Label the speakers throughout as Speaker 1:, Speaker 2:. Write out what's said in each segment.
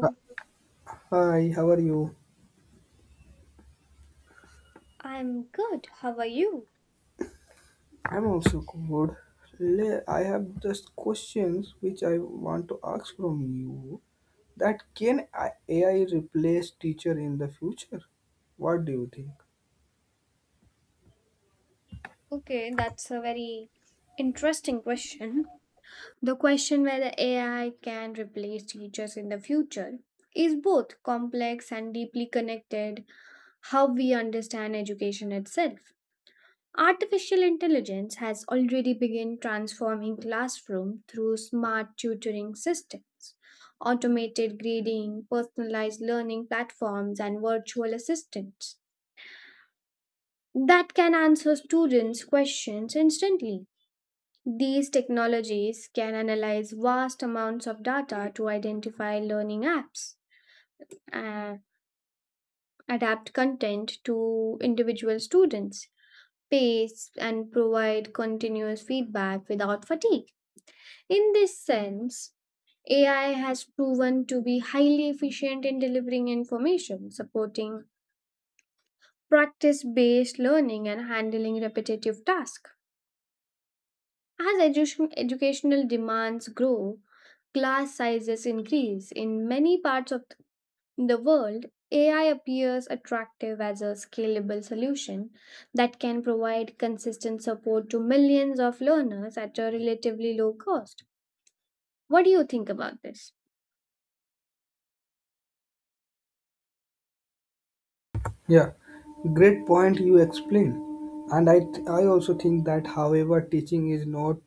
Speaker 1: Uh, Hi, how are you?
Speaker 2: I'm good. How are you?
Speaker 1: I'm also good. I have just questions which I want to ask from you. That can AI replace teacher in the future? What do you think?
Speaker 2: Okay, that's a very interesting question. The question whether AI can replace teachers in the future is both complex and deeply connected how we understand education itself. Artificial intelligence has already begun transforming classroom through smart tutoring systems, automated grading, personalized learning platforms and virtual assistants that can answer students' questions instantly. These technologies can analyze vast amounts of data to identify learning apps, uh, adapt content to individual students' pace, and provide continuous feedback without fatigue. In this sense, AI has proven to be highly efficient in delivering information, supporting practice based learning, and handling repetitive tasks. As educational demands grow, class sizes increase. In many parts of the world, AI appears attractive as a scalable solution that can provide consistent support to millions of learners at a relatively low cost. What do you think about this?
Speaker 1: Yeah, great point you explain, and I also think that however teaching is not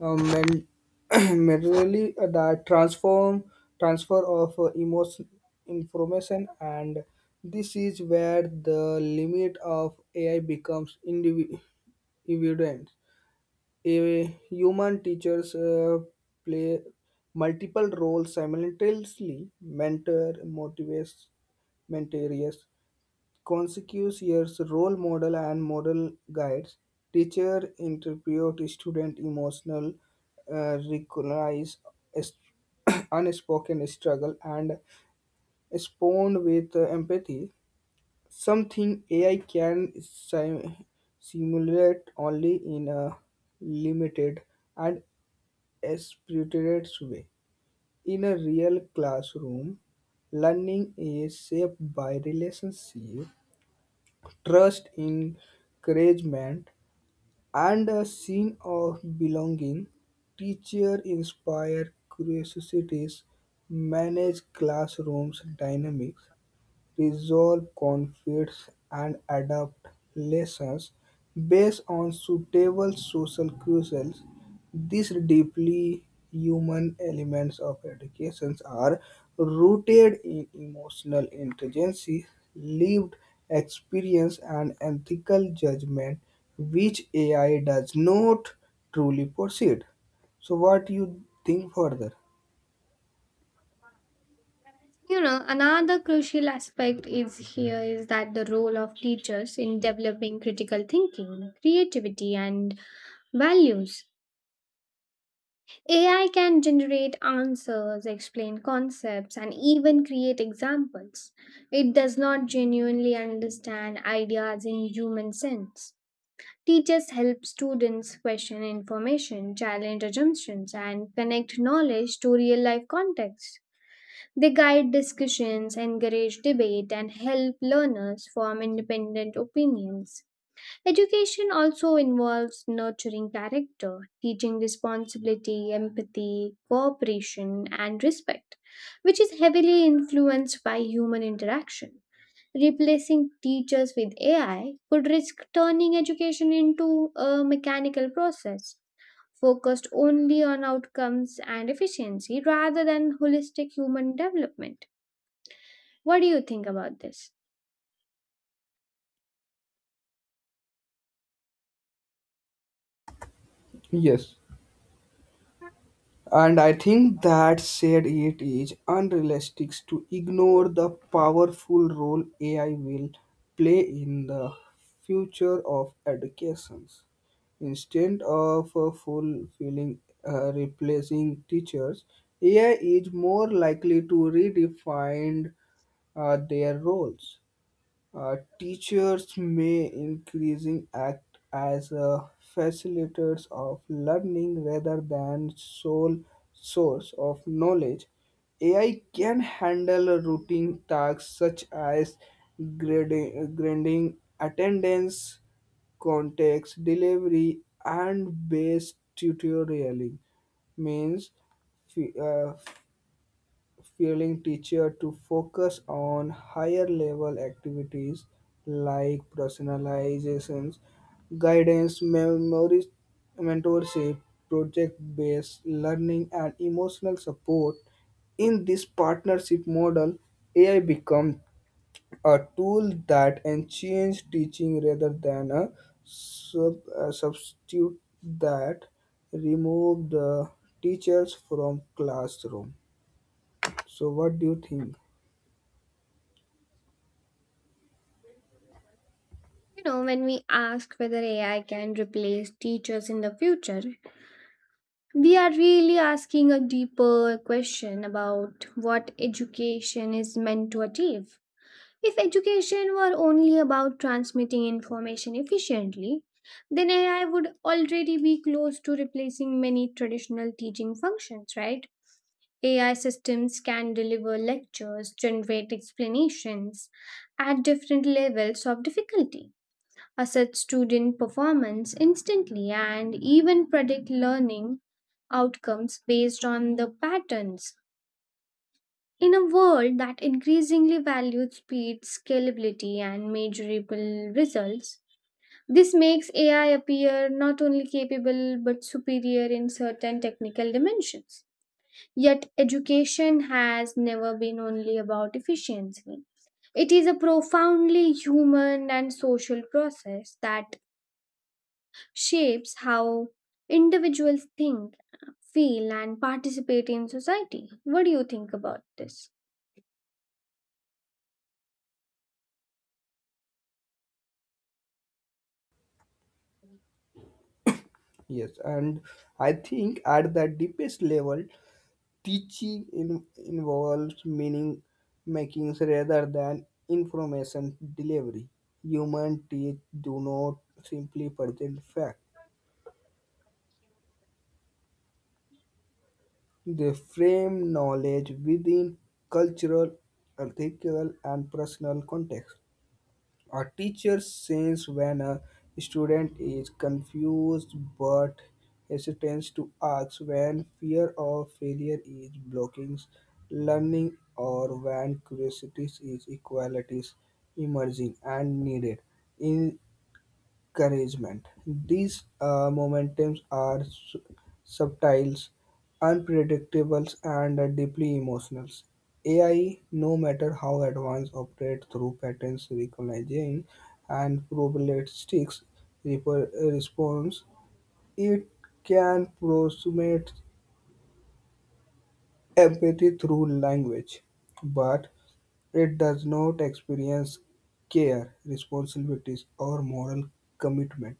Speaker 1: meant merely that transform transfer of emotion information and this is where the limit of AI becomes evident. A human teachers play multiple roles simultaneously mentor motivates mentors Consecutive years role model and model guides, teacher interpret student emotional, recognize est- unspoken struggle and respond with empathy. Something AI can simulate only in a limited and aspirated way. In a real classroom, learning is shaped by relationship trust, encouragement, and a sense of belonging. Teachers inspire curiosities, manage classrooms dynamics, resolve conflicts, and adopt lessons based on suitable social cues. These deeply human elements of education are rooted in emotional intelligence, lived experience, and ethical judgment, which AI does not truly possess. So, what you think further?
Speaker 2: You know, another crucial aspect is here is that the role of teachers in developing critical thinking, creativity, and values. AI can generate answers, explain concepts, and even create examples. It does not genuinely understand ideas in human sense. Teachers help students question information, challenge assumptions, and connect knowledge to real life context. They guide discussions, encourage debate, and help learners form independent opinions. Education also involves nurturing character, teaching responsibility, empathy, cooperation, and respect, which is heavily influenced by human interaction. Replacing teachers with AI could risk turning education into a mechanical process focused only on outcomes and efficiency rather than holistic human development. What do you think about this?
Speaker 1: Yes. And I think that said, it is unrealistic to ignore the powerful role AI will play in the future of education. Instead of fulfilling replacing teachers, AI is more likely to redefine their roles. Teachers may increasing act as facilitators of learning rather than sole source of knowledge. AI can handle routine tasks such as grading attendance, context, delivery, and base tutoring. Means, f- uh, Feeling teacher to focus on higher level activities like personalizations, guidance, memories, mentorship, project based learning, and emotional support. In this partnership model, AI becomes a tool that enhances teaching rather than a substitute that remove the teachers from classroom. So, what do you think?
Speaker 2: You know, when we ask whether AI can replace teachers in the future, we are really asking a deeper question about what education is meant to achieve. If education were only about transmitting information efficiently, then AI would already be close to replacing many traditional teaching functions, right? AI systems can deliver lectures, generate explanations at different levels of difficulty, assess student performance instantly, and even predict learning outcomes based on the patterns. In a world that increasingly values speed, scalability, and measurable results, this makes AI appear not only capable but superior in certain technical dimensions. Yet, education has never been only about efficiency. It is a profoundly human and social process that shapes how individuals think, feel, and participate in society. What do you think about this?
Speaker 1: Yes, and I think at the deepest level, teaching involves meaning making rather than information delivery. Human teach do not simply present fact. They frame knowledge within cultural, ethical, and personal context. A teacher says when a student is confused but hesitates to ask, when fear of failure is blocking learning, or when curiosity is equality is emerging and needed. In encouragement. These momentums are subtle, unpredictable, and deeply emotional. AI, no matter how advanced, operates through patterns recognizing and probabilistic response. It can approximate empathy through language, but it does not experience care, responsibilities, or moral commitment.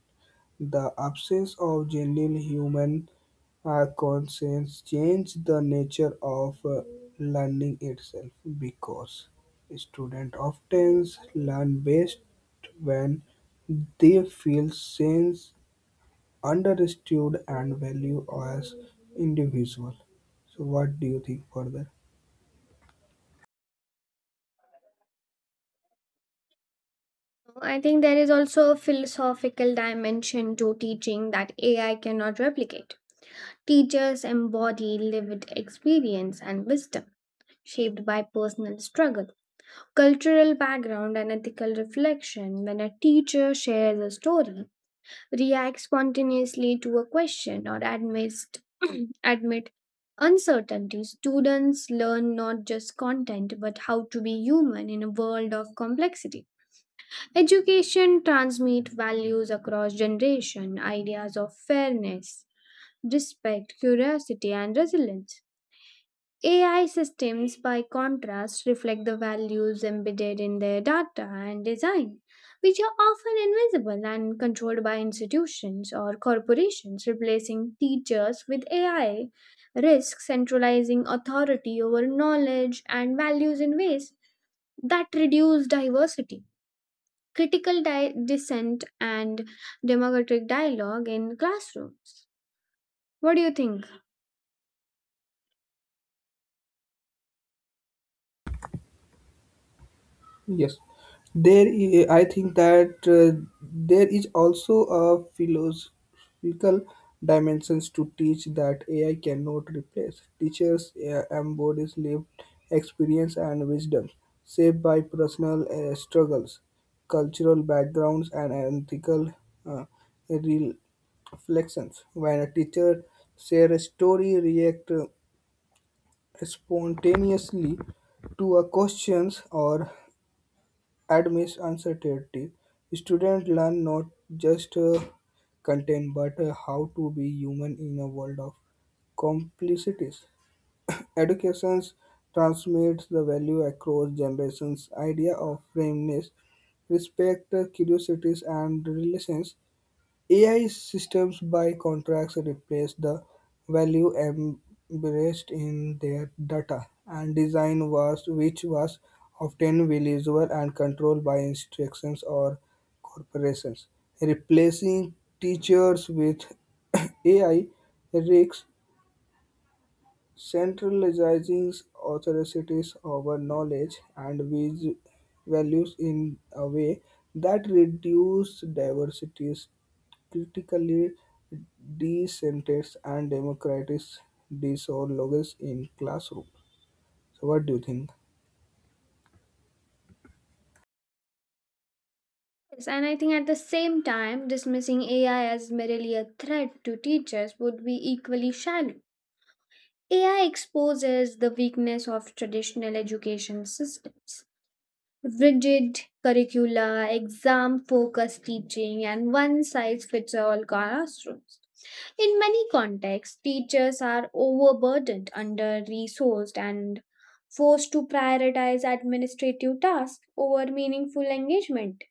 Speaker 1: The absence of genuine human conscience changes the nature of learning itself, because students often learn best when they feel sense understood, and valued as individual. So, what do you think for that?
Speaker 2: I think there is also a philosophical dimension to teaching that AI cannot replicate. Teachers embody lived experience and wisdom shaped by personal struggle, cultural background, and ethical reflection. When a teacher shares a story, reacts spontaneously to a question or admits admit uncertainty, students learn not just content but how to be human in a world of complexity. Education transmits values across generation, ideas of fairness, respect, curiosity and resilience. AI systems, by contrast, reflect the values embedded in their data and design, which are often invisible and controlled by institutions or corporations. Replacing teachers with AI risks centralizing authority over knowledge and values in ways that reduce diversity, critical dissent, and democratic dialogue in classrooms. What do you think?
Speaker 1: Yes, I think that there is also a philosophical dimensions to teach that AI cannot replace. Teachers embodies lived experience and wisdom, shaped by personal struggles, cultural backgrounds, and ethical uh, reflections. When a teacher share a story, react spontaneously to a questions or amidst uncertainty, students learn not just content but how to be human in a world of complexities. Education transmits the value across generations. Idea of fairness, respect, curiosities, and relations AI systems, by contrast, replace the value embraced in their data and design was which was often visual and controlled by institutions or corporations. Replacing teachers with AI risks centralizing authorities over knowledge and values in a way that reduces diversities critically dissenters and democratic dialogues in classroom. So what do you think?
Speaker 2: Yes, and I think at the same time, dismissing AI as merely a threat to teachers would be equally shallow. AI exposes the weakness of traditional education systems. Rigid curricula, exam focused teaching, and one size fits all classrooms. In many contexts, teachers are overburdened, under resourced, and forced to prioritize administrative tasks over meaningful engagement.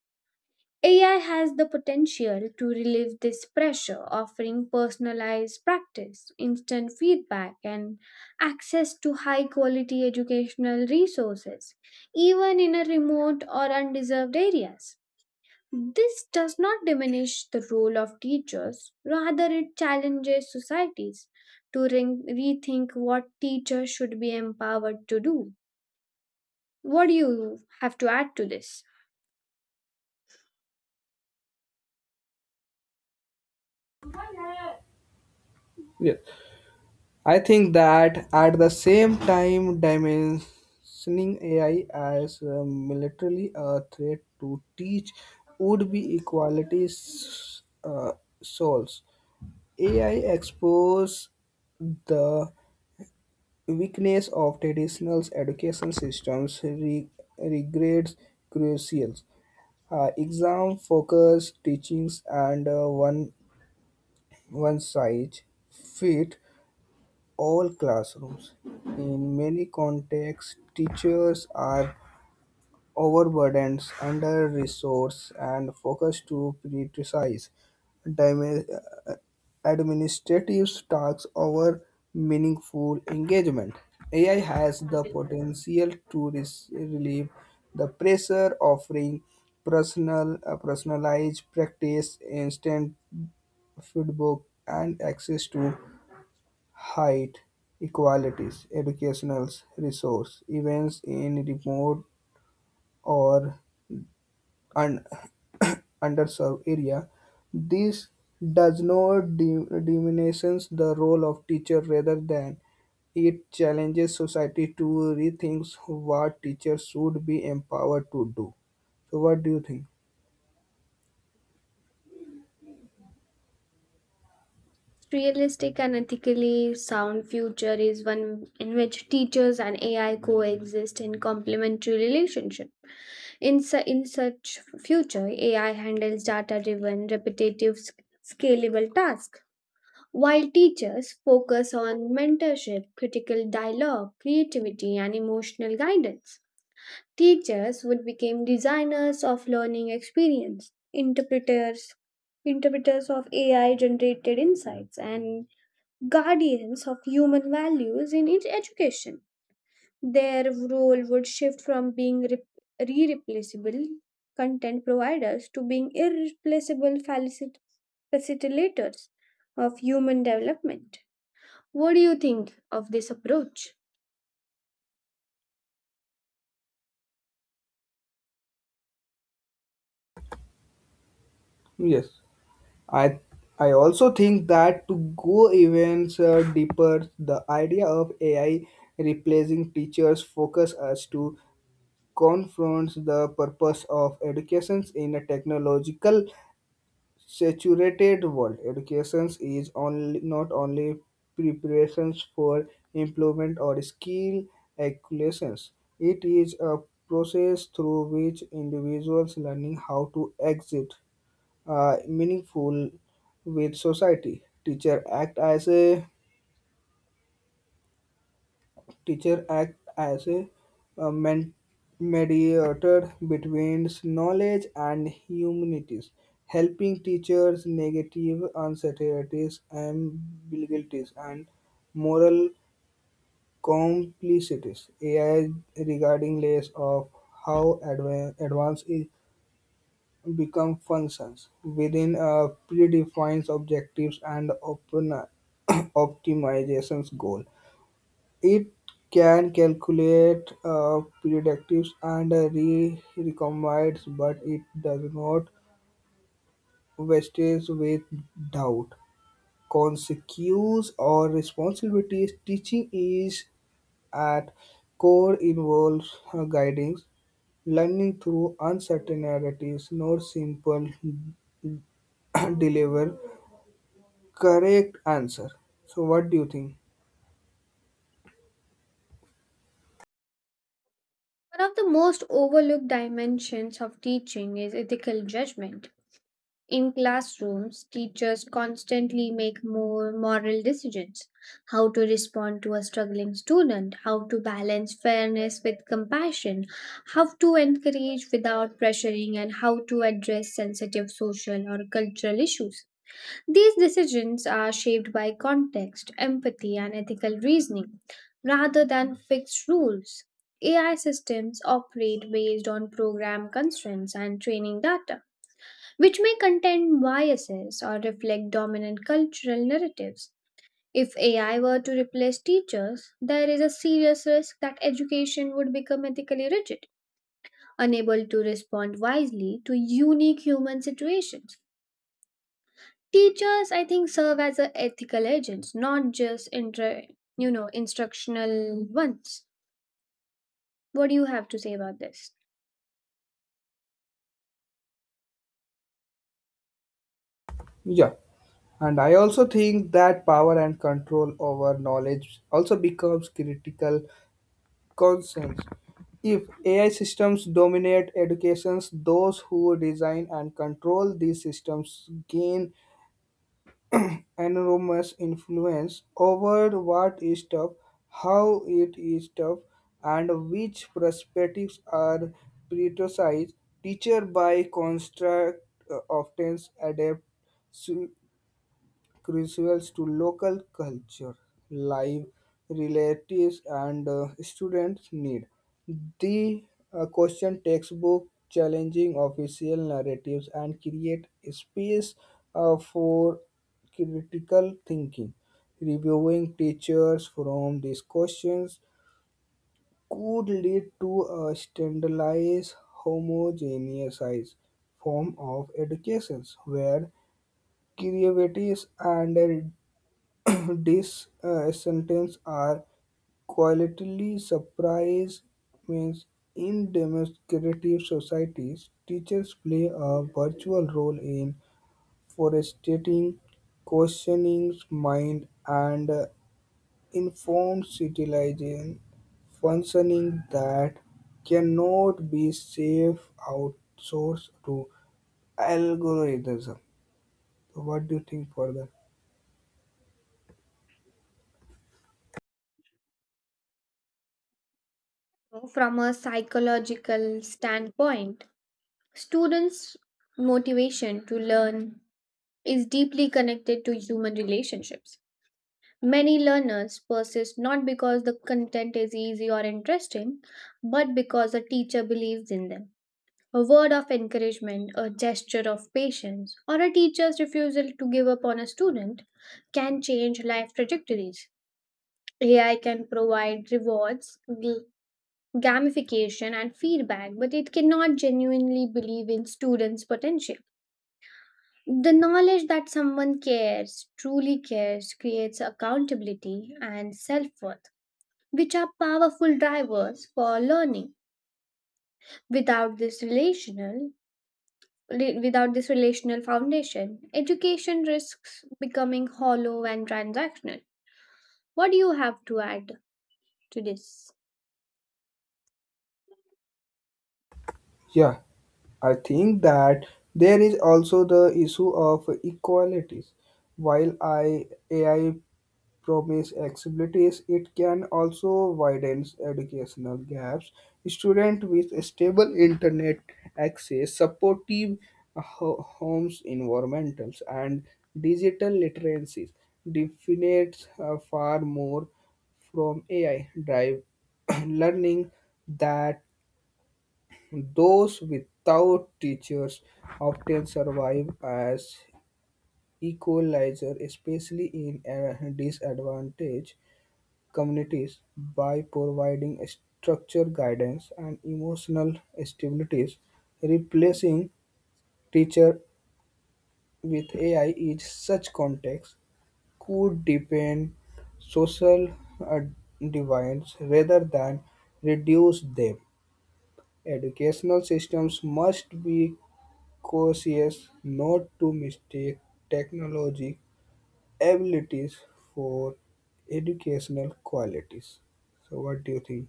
Speaker 2: AI has the potential to relieve this pressure, offering personalized practice, instant feedback, and access to high quality educational resources, even in a remote or undeserved areas. This does not diminish the role of teachers, rather, it challenges societies to rethink what teachers should be empowered to do. What do you have to add to this?
Speaker 1: Yes. I think that at the same time dimensioning AI as militarily a threat to teach would be equality uh, souls. AI expose the weakness of traditional education systems regrets crucial exam focus teachings and one size fit all classrooms. In many contexts, teachers are overburdened, under-resourced, and focused to prioritize dimi- uh, administrative tasks over meaningful engagement. AI has the potential to relieve the pressure, offering personalized practice, instant feedback, and access to height equalities, educational resource, events in remote or underserved area. This does not diminishes the role of teacher rather than it challenges society to rethink what teachers should be empowered to do. So what do you think?
Speaker 2: Realistic and ethically sound future is one in which teachers and AI coexist in complementary relationship. In such future, AI handles data-driven, repetitive, scalable tasks, while teachers focus on mentorship, critical dialogue, creativity, and emotional guidance. Teachers would become designers of learning experience, interpreters of AI generated insights and guardians of human values in its education. Their role would shift from being re replaceable content providers to being irreplaceable facilitators of human development. What do you think of this approach?
Speaker 1: Yes, I I also think that to go even deeper, the idea of AI replacing teachers focus us to confront the purpose of education in a technological saturated world, education is only not only preparations for employment or skill acquisitions. It is a process through which individuals learning how to exit meaningful with society. Teacher act as a uh, men- mediator between knowledge and humanities, helping teachers negative uncertainties, ambiguities, and moral complexities. AI regarding less of how advanced it become functions within a predefined objectives and open optimizations goal it can calculate predictives and re recombine's, but it does not vestige with doubt, consequences, or responsibilities. Teaching is at core involves guiding learning through uncertainties, not simple deliver correct answer. So, what do you think?
Speaker 2: One of the most overlooked dimensions of teaching is ethical judgment. In classrooms, teachers constantly make more moral decisions, how to respond to a struggling student, how to balance fairness with compassion, how to encourage without pressuring, and how to address sensitive social or cultural issues. These decisions are shaped by context, empathy, and ethical reasoning rather than fixed rules. AI systems operate based on program constraints and training data which may contain biases or reflect dominant cultural narratives. If AI were to replace teachers, there is a serious risk that education would become ethically rigid, unable to respond wisely to unique human situations. Teachers, I think, serve as a ethical agents, not just instructional ones. What do you have to say about this?
Speaker 1: Yeah. And I also think that power and control over knowledge also becomes critical concerns. If AI systems dominate educations, those who design and control these systems gain enormous influence over what is taught, how it is taught, and which perspectives are prioritized. Teacher by construct often adapt crucial to local culture, life, relatives, and students need. The Question textbook challenging official narratives and create space for critical thinking. Reviewing teachers from these questions could lead to a standardized, homogeneous form of education where creativity and this sentences are qualitatively surprised means in democratic societies, teachers play a virtual role in forestating, questioning mind, and informed civilization functioning that cannot be safe outsourced to algorithm. So what do you think further?
Speaker 2: From a psychological standpoint, students' motivation to learn is deeply connected to human relationships. Many learners persist not because the content is easy or interesting, but because a teacher believes in them. A word of encouragement, a gesture of patience, or a teacher's refusal to give up on a student can change life trajectories. AI can provide rewards, gamification, and feedback, but it cannot genuinely believe in students' potential. The knowledge that someone cares, truly cares, creates accountability and self worth, which are powerful drivers for learning. Without this relational without this relational foundation, education risks becoming hollow and transactional. What do you have to add to this?
Speaker 1: Yeah. I think that there is also the issue of equalities. While AI promises accessibilities, it can also widen educational gaps. Students with stable internet access, supportive homes environments, and digital literacies definites far more from AI drive learning that those without teachers often survive as equalizer, especially in disadvantaged communities, by providing structure, guidance and emotional stabilities. Replacing teacher with AI in such context could deepen social uh, divides rather than reduce them. Educational systems must be cautious not to mistake technology abilities for educational qualities. So what do you think?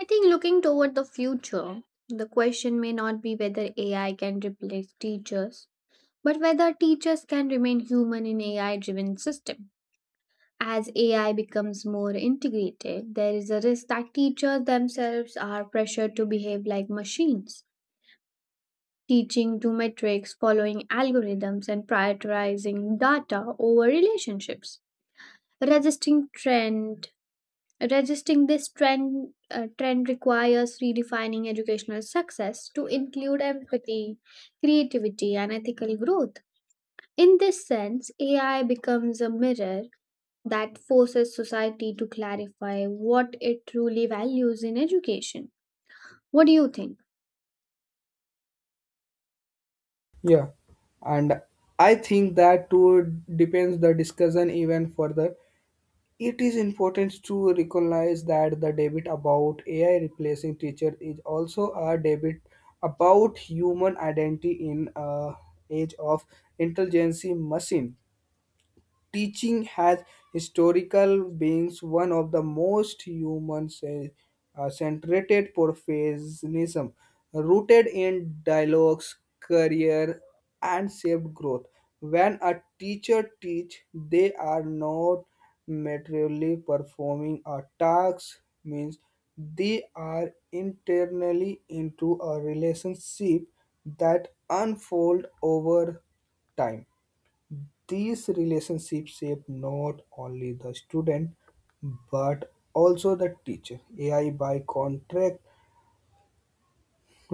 Speaker 2: I think looking toward the future, the question may not be whether AI can replace teachers, but whether teachers can remain human in AI driven system. As AI becomes more integrated, there is a risk that teachers themselves are pressured to behave like machines, teaching to metrics, following algorithms, and prioritizing data over relationships. Resisting trend, resisting this trend, requires redefining educational success to include empathy, creativity, and ethical growth. In this sense, AI becomes a mirror that forces society to clarify what it truly values in education. What do you think?
Speaker 1: Yeah, and I think that too depends the discussion even further. It is important to recognize that the debate about AI replacing teacher is also a debate about human identity in a age of intelligence machine. Teaching has historical beings one of the most human centered professionism, rooted in dialogues career and shaped growth when a teacher teach they are not materially performing a task means they are internally into a relationship that unfold over time these relationships shape not only the student but also the teacher. AI by contract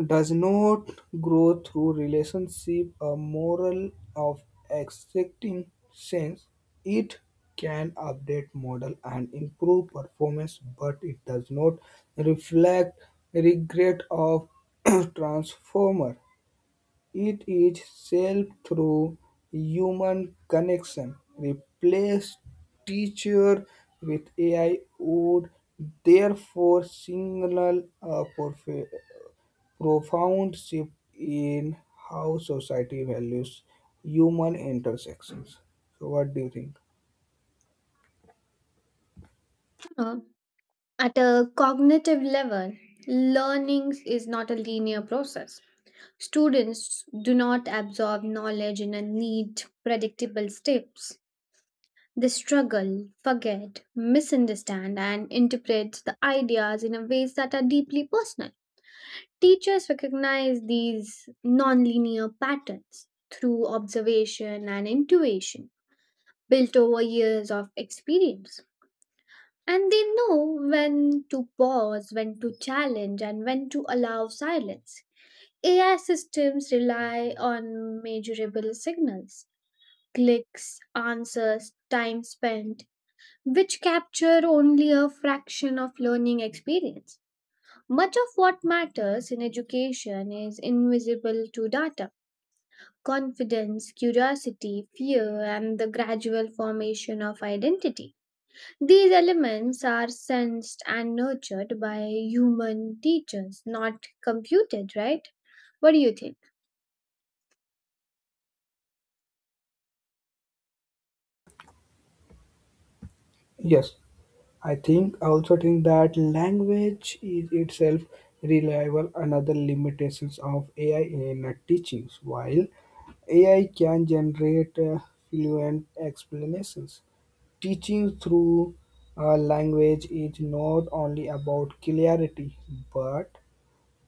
Speaker 1: does not grow through relationship a moral of exacting sense. It can update model and improve performance, but it does not reflect regret of transformer. It is served through human connection; replace teacher with AI would therefore signal a profound shift in how society values human intersections. So what do you think?
Speaker 2: Uh, at a cognitive level, learning is not a linear process. Students do not absorb knowledge in a neat, predictable steps. They struggle, forget, misunderstand, and interpret the ideas in a ways that are deeply personal. Teachers recognize these nonlinear patterns through observation and intuition built over years of experience. And they know when to pause, when to challenge, and when to allow silence. AI systems rely on measurable signals, clicks, answers, time spent, which capture only a fraction of learning experience. Much of what matters in education is invisible to data, confidence, curiosity, fear, and the gradual formation of identity. These elements are sensed and nurtured by human teachers, not computed, right? What do you think?
Speaker 1: Yes. I also think that language is itself reliable another limitations of AI in teachings. While AI can generate fluent explanations, teaching through language is not only about clarity but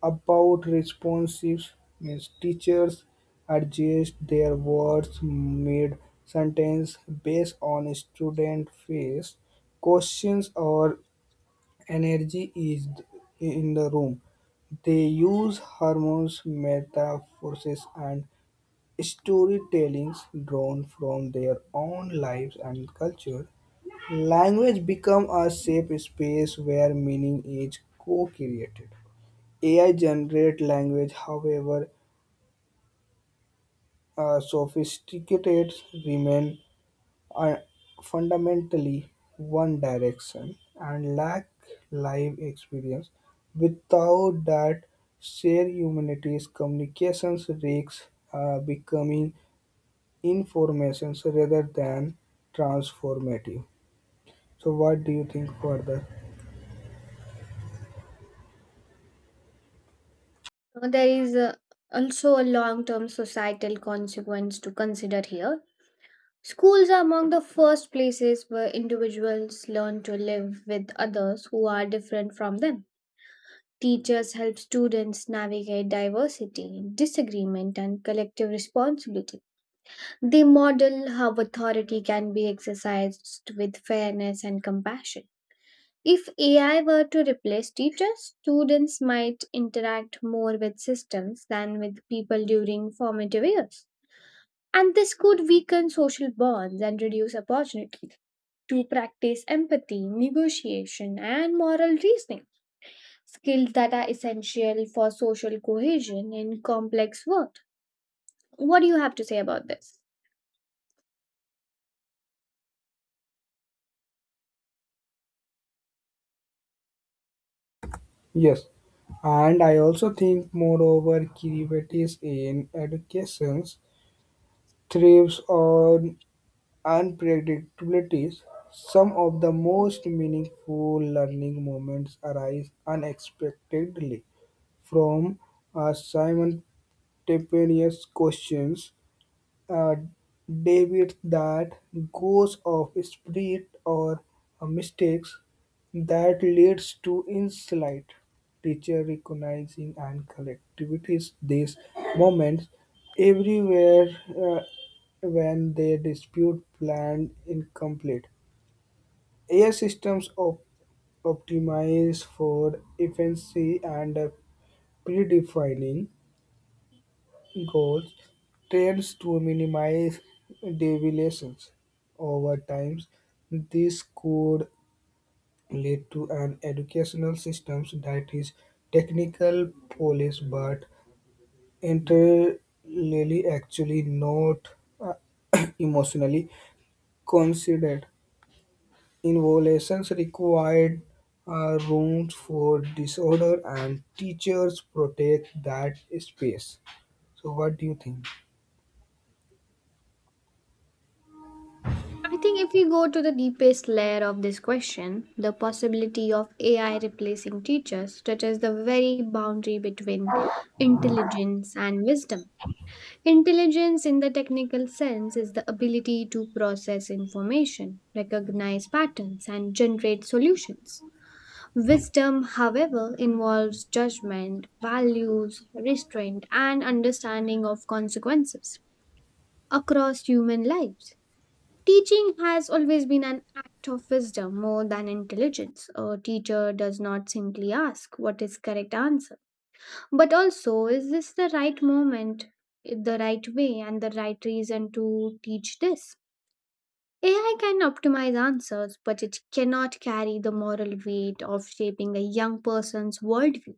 Speaker 1: about responsive. Means teachers adjust their words mid sentence based on student face questions or energy is in the room. They use hormones, metaphors, and storytellings drawn from their own lives and culture. Language become a safe space where meaning is co-created. AI generate language, however, sophisticated remain are fundamentally one direction and lack live experience. Without that shared humanities, communications risks becoming informations rather than transformative. So, what do you think further?
Speaker 2: There is also a long term societal consequence to consider here. Schools are among the first places where individuals learn to live with others who are different from them. Teachers help students navigate diversity, disagreement, and collective responsibility. They model how authority can be exercised with fairness and compassion. If AI were to replace teachers, students might interact more with systems than with people during formative years. And this could weaken social bonds and reduce opportunities to practice empathy, negotiation, and moral reasoning, skills that are essential for social cohesion in complex world. What do you have to say about this?
Speaker 1: Yes, and I also think, moreover, creativities in educations thrives on unpredictabilities, some of the most meaningful learning moments arise unexpectedly from uh, simultaneous questions uh, David that goes off spirit or mistakes that leads to insight. Teacher recognizing and collectivities these moments everywhere when they dispute planned incomplete. AI systems optimize for efficiency and predefining goals tends to minimize deviations. Over time, this could lead to an educational system that is technical police but entirely actually not uh, emotionally considered. Involutions required rooms for disorder and teachers protect that space. So what do you think?
Speaker 2: I think if we go to the deepest layer of this question, the possibility of AI replacing teachers touches the very boundary between intelligence and wisdom. Intelligence, in the technical sense, is the ability to process information, recognize patterns, and generate solutions. Wisdom, however, involves judgment, values, restraint, and understanding of consequences across human lives. Teaching has always been an act of wisdom more than intelligence. A teacher does not simply ask what is correct answer, but also is this the right moment, the right way, and the right reason to teach this? AI can optimize answers, but it cannot carry the moral weight of shaping a young person's worldview.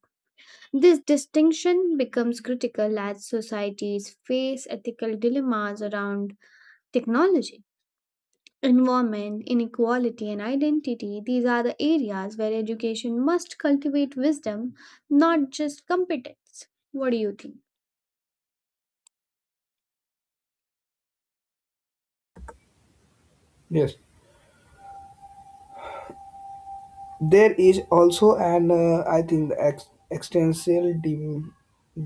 Speaker 2: This distinction becomes critical as societies face ethical dilemmas around technology, environment, inequality, and identity. These are the areas where education must cultivate wisdom, not just competence. What do you think?
Speaker 1: Yes. There is also an, I think, the extensive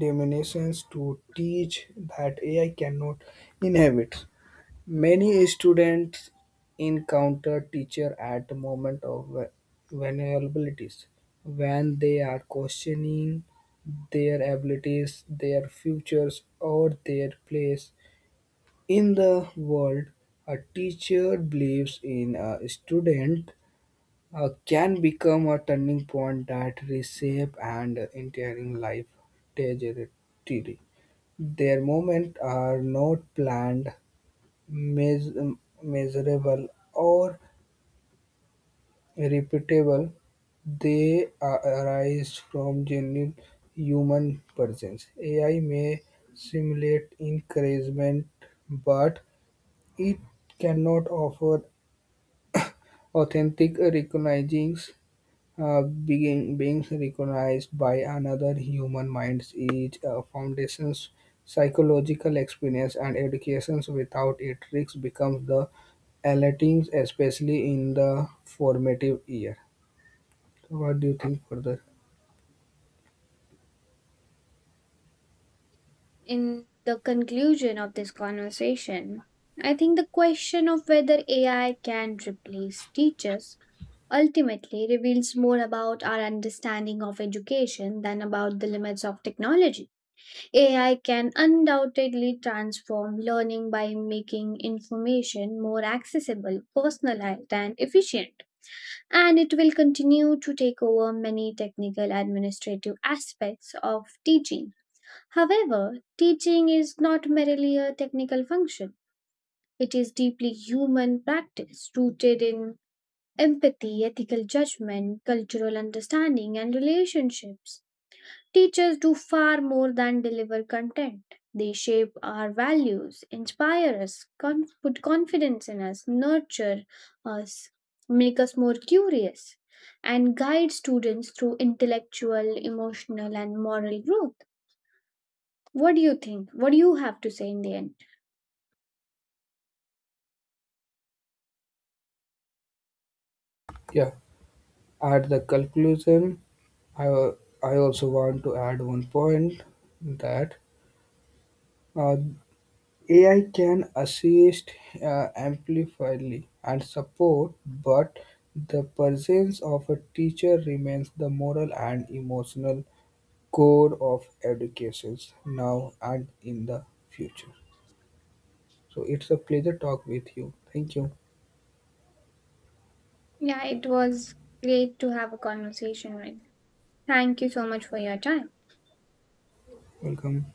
Speaker 1: diminutions to teach that AI cannot inhabit. Many students encounter teacher at the moment of vulnerabilities when they are questioning their abilities, their futures, or their place in the world. A teacher believes in a student can become a turning point that reshape and entering life trajectory. Their moments are not planned, meas- measurable, or repeatable. Arise from genuine human presence. AI may simulate encouragement, but it cannot offer authentic recognizings being recognized by another human mind's is a foundation's psychological experience and education. Without it, risk becomes the alerting, especially in the formative year. So what do you think further?
Speaker 2: In the conclusion of this conversation, I think the question of whether AI can replace teachers ultimately reveals more about our understanding of education than about the limits of technology. AI can undoubtedly transform learning by making information more accessible, personalized, and efficient. And it will continue to take over many technical administrative aspects of teaching. However, teaching is not merely a technical function, it is deeply human practice rooted in empathy, ethical judgment, cultural understanding, and relationships. Teachers do far more than deliver content. They shape our values, inspire us, put confidence in us, nurture us, make us more curious, and guide students through intellectual, emotional, and moral growth. What do you think? What do you have to say in the end?
Speaker 1: Yeah. At the conclusion, I, I also want to add one point that uh, AI can assist amplifyly and support, but the presence of a teacher remains the moral and emotional core of education now and in the future. So it's a pleasure talk with you. Thank you.
Speaker 2: Yeah, it was great to have a conversation with. Thank you so much for your time.
Speaker 1: Welcome.